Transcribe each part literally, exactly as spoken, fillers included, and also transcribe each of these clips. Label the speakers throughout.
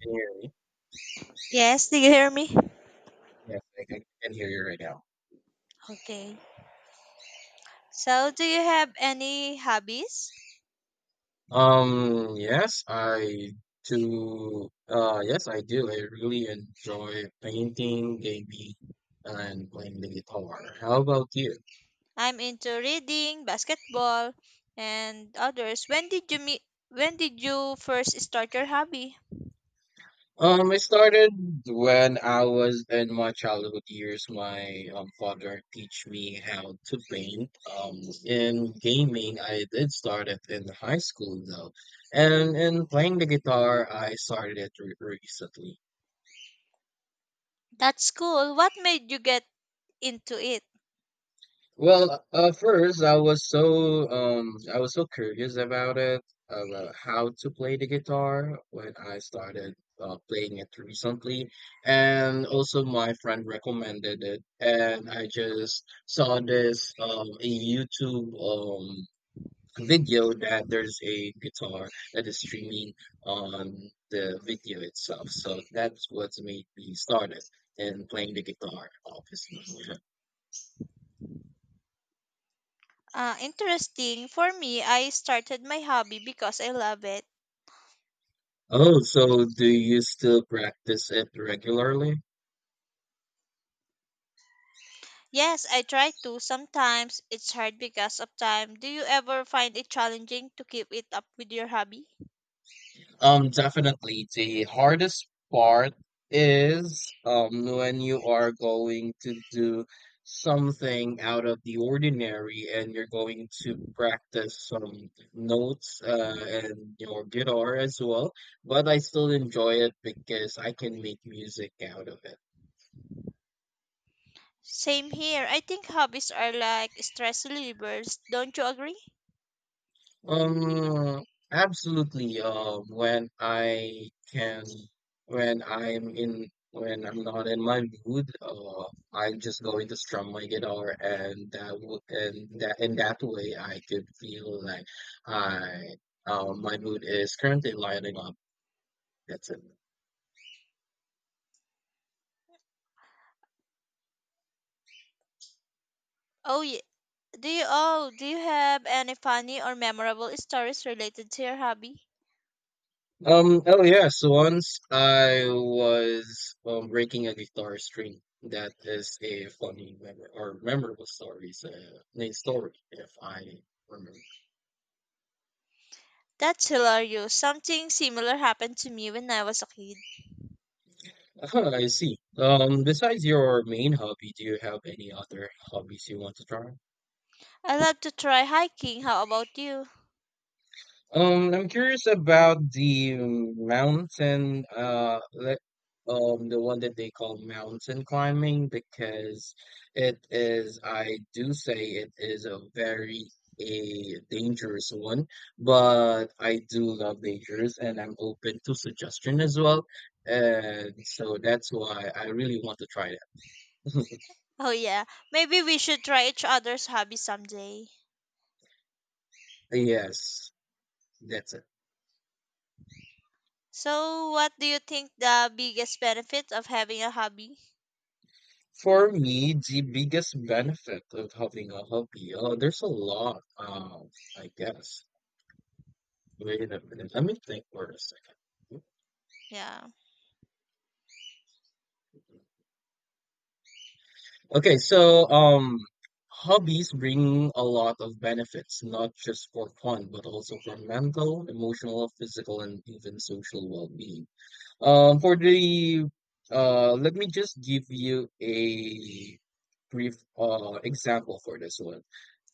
Speaker 1: Can you hear me?
Speaker 2: Yes, do you hear me?
Speaker 1: Yes, I can, I can hear you right now.
Speaker 2: Okay. So, do you have any hobbies?
Speaker 1: Um, yes, I do. Uh, yes, I do. I really enjoy painting, gaming, and playing the guitar. How about you?
Speaker 2: I'm into reading, basketball, and others. When did you meet? When did you first start your hobby?
Speaker 1: Um, I started when I was in my childhood years. My um, father teach me how to paint. Um, in gaming, I did start it in high school though, and in playing the guitar, I started it re recently.
Speaker 2: That's cool. What made you get into it?
Speaker 1: Well, uh, first I was so um I was so curious about it, about how to play the guitar when I started uh, playing it recently, and also my friend recommended it, and I just saw this um a YouTube um video that there's a guitar that is streaming on the video itself, so that's what made me started in playing the guitar, obviously.
Speaker 2: Uh, interesting. For me, I started my hobby because I love it.
Speaker 1: Oh, so do you still practice it regularly?
Speaker 2: Yes, I try to. Sometimes it's hard because of time. Do you ever find it challenging to keep it up with your hobby?
Speaker 1: Um, definitely. The hardest part is um when you are going to do something out of the ordinary and you're going to practice some notes uh, and your guitar as well. But I still enjoy it because I can make music out of it.
Speaker 2: Same here. I think hobbies are like stress relievers. Don't you agree?
Speaker 1: Um, absolutely. Um, when I can, when I'm in, when I'm not in my mood, uh, I'm just going to strum my guitar, and that would, and that in that way, I could feel like I, uh, my mood is currently lighting up. That's it.
Speaker 2: Oh, yeah. Do you oh do you have any funny or memorable stories related to your hobby?
Speaker 1: Um, oh yes, once I was um breaking a guitar string. That is a funny memor or memorable story. It's a main story, if I remember.
Speaker 2: That's hilarious. Something similar happened to me when I was a kid.
Speaker 1: Ah, I see. Um, besides your main hobby, do you have any other hobbies you want to try?
Speaker 2: I love to try hiking. How about you?
Speaker 1: Um, I'm curious about the mountain, uh, le- um, the one that they call mountain climbing because it is, I do say it is a very a dangerous one, but I do love dangers and I'm open to suggestion as well. And so that's why I really want to try that.
Speaker 2: Oh yeah, maybe we should try each other's hobby someday.
Speaker 1: Yes, that's it.
Speaker 2: So, what do you think the biggest benefit of having a hobby?
Speaker 1: For me, the biggest benefit of having a hobby, uh, there's a lot, um, I guess. Wait a minute, let me think for a second.
Speaker 2: Yeah,
Speaker 1: Okay, so um, hobbies bring a lot of benefits, not just for fun, but also for mental, emotional, physical, and even social well-being. Um, for the uh, Let me just give you a brief uh example for this one.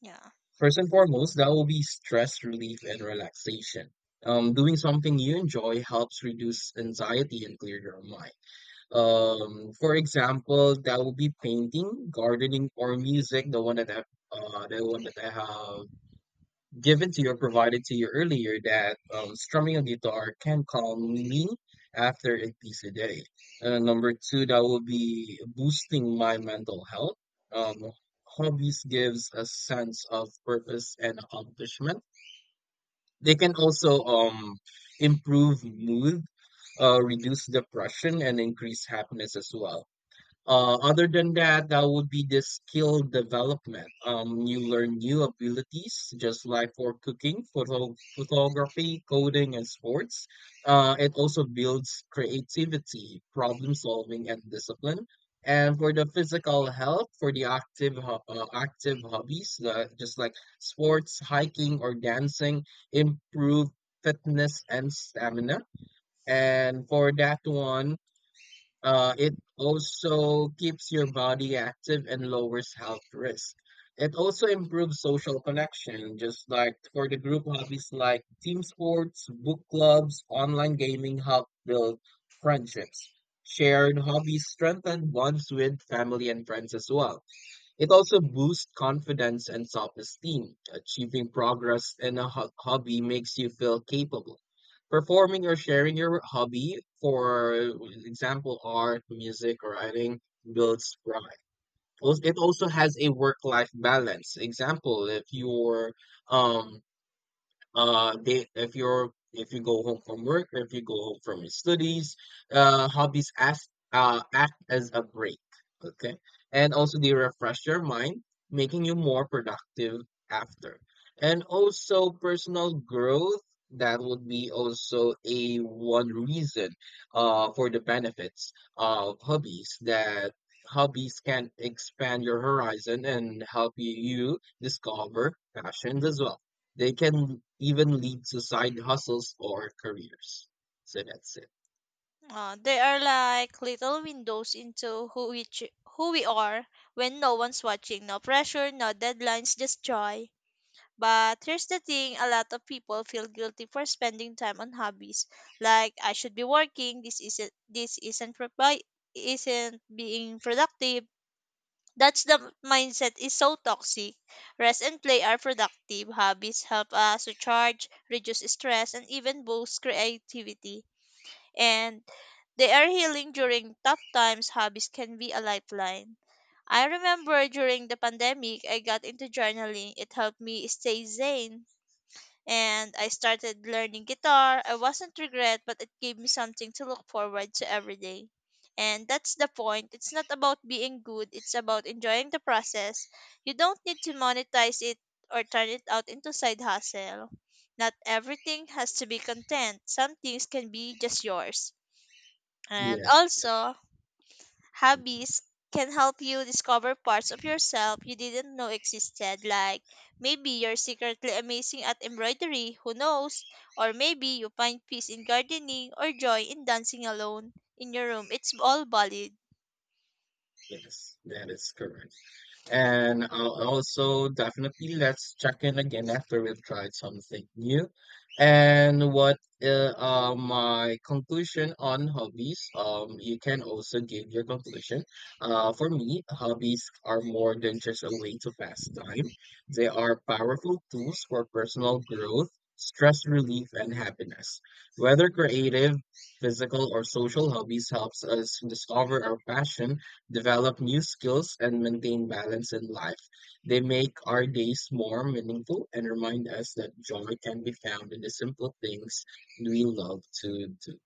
Speaker 2: yeah.
Speaker 1: First and foremost, that will be stress relief and relaxation. Um, doing something you enjoy helps reduce anxiety and clear your mind. Um, for example, that will be painting, gardening, or music. The one that I, uh, the one that I have given to you or provided to you earlier that um, strumming a guitar can calm me after a busy day. Uh, number two, that will be boosting my mental health. Um, Hobbies gives a sense of purpose and accomplishment. They can also um, improve mood, uh, reduce depression, and increase happiness as well. Uh, other than that, that would be the skill development. Um, you learn new abilities, just like for cooking, photo photography, coding, and sports. Uh, it also builds creativity, problem solving, and discipline. And for the physical health, for the active ho- uh, active hobbies, uh, just like sports, hiking, or dancing, improve fitness and stamina. And for that one uh, it also keeps your body active and lowers health risk. It also improves social connection, just like for the group hobbies like team sports, book clubs, online gaming help build friendships. Shared hobbies strengthen bonds with family and friends as well. It also boosts confidence and self esteem. Achieving progress in a ho- hobby makes you feel capable. Performing or sharing your hobby, for example, art, music, or writing, builds pride. Al- It also has a work life balance. Example, if you're um, uh they if you're if you go home from work or if you go home from your studies uh hobbies act uh act as a break, okay, and also they refresh your mind, making you more productive after. And also personal growth, that would be also a one reason uh for the benefits of hobbies, that hobbies can expand your horizon and help you discover passions as well. They can even lead to side hustles or careers. So that's it.
Speaker 2: Uh, they are like little windows into who we ch- who we are when no one's watching. No pressure, no deadlines, just joy. But here's the thing: a lot of people feel guilty for spending time on hobbies. Like I should be working. This isn't this isn't propi- Isn't being productive. That's the mindset is so toxic. Rest and play are productive. Hobbies help us recharge, reduce stress, and even boost creativity, and they are healing during tough times. Hobbies can be a lifeline. I remember during the pandemic, I got into journaling. It helped me stay sane. And I started learning guitar. I wasn't regret, but it gave me something to look forward to every day. And that's the point. It's not about being good, it's about enjoying the process. You don't need to monetize it or turn it out into side hustle. Not everything has to be content. Some things can be just yours. And
Speaker 1: Yes,
Speaker 2: also, hobbies can help you discover parts of yourself you didn't know existed. Like maybe you're secretly amazing at embroidery, who knows? Or maybe you find peace in gardening or joy in dancing alone in your room. It's all valid.
Speaker 1: yes, that is correct. And I'll also, definitely, let's check in again after we've tried something new. And what uh, uh, my conclusion on hobbies? Um, you can also give your conclusion. Uh, for me, hobbies are more than just a way to pass time. They are powerful tools for personal growth, stress relief, and happiness. Whether creative, physical, or social, hobbies helps us discover our passion, develop new skills, and maintain balance in life. They make our days more meaningful and remind us that joy can be found in the simple things we love to do.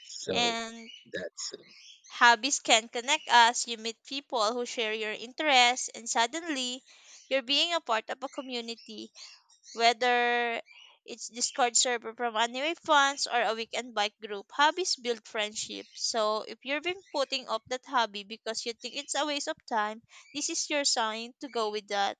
Speaker 1: So
Speaker 2: And
Speaker 1: that's it.
Speaker 2: hobbies can connect us. You meet people who share your interests, and suddenly, you're being a part of a community. Whether it's Discord server from anime fans or a weekend bike group, hobbies build friendship. So if you've been putting off that hobby because you think it's a waste of time, this is your sign to go with that.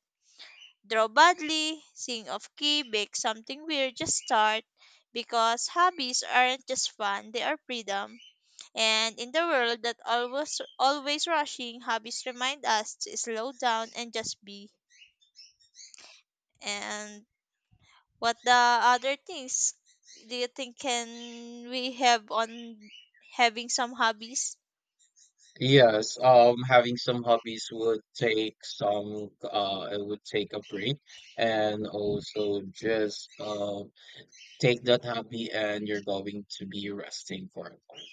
Speaker 2: Draw badly, sing off key, bake something weird, just start. Because hobbies aren't just fun, they are freedom. And in the world that always always rushing, hobbies remind us to slow down and just be. And what the other things do you think can we have on having some hobbies?
Speaker 1: Yes, um, having some hobbies would take some, uh, it would take a break, and also just, uh, take that hobby and you're going to be resting for a while.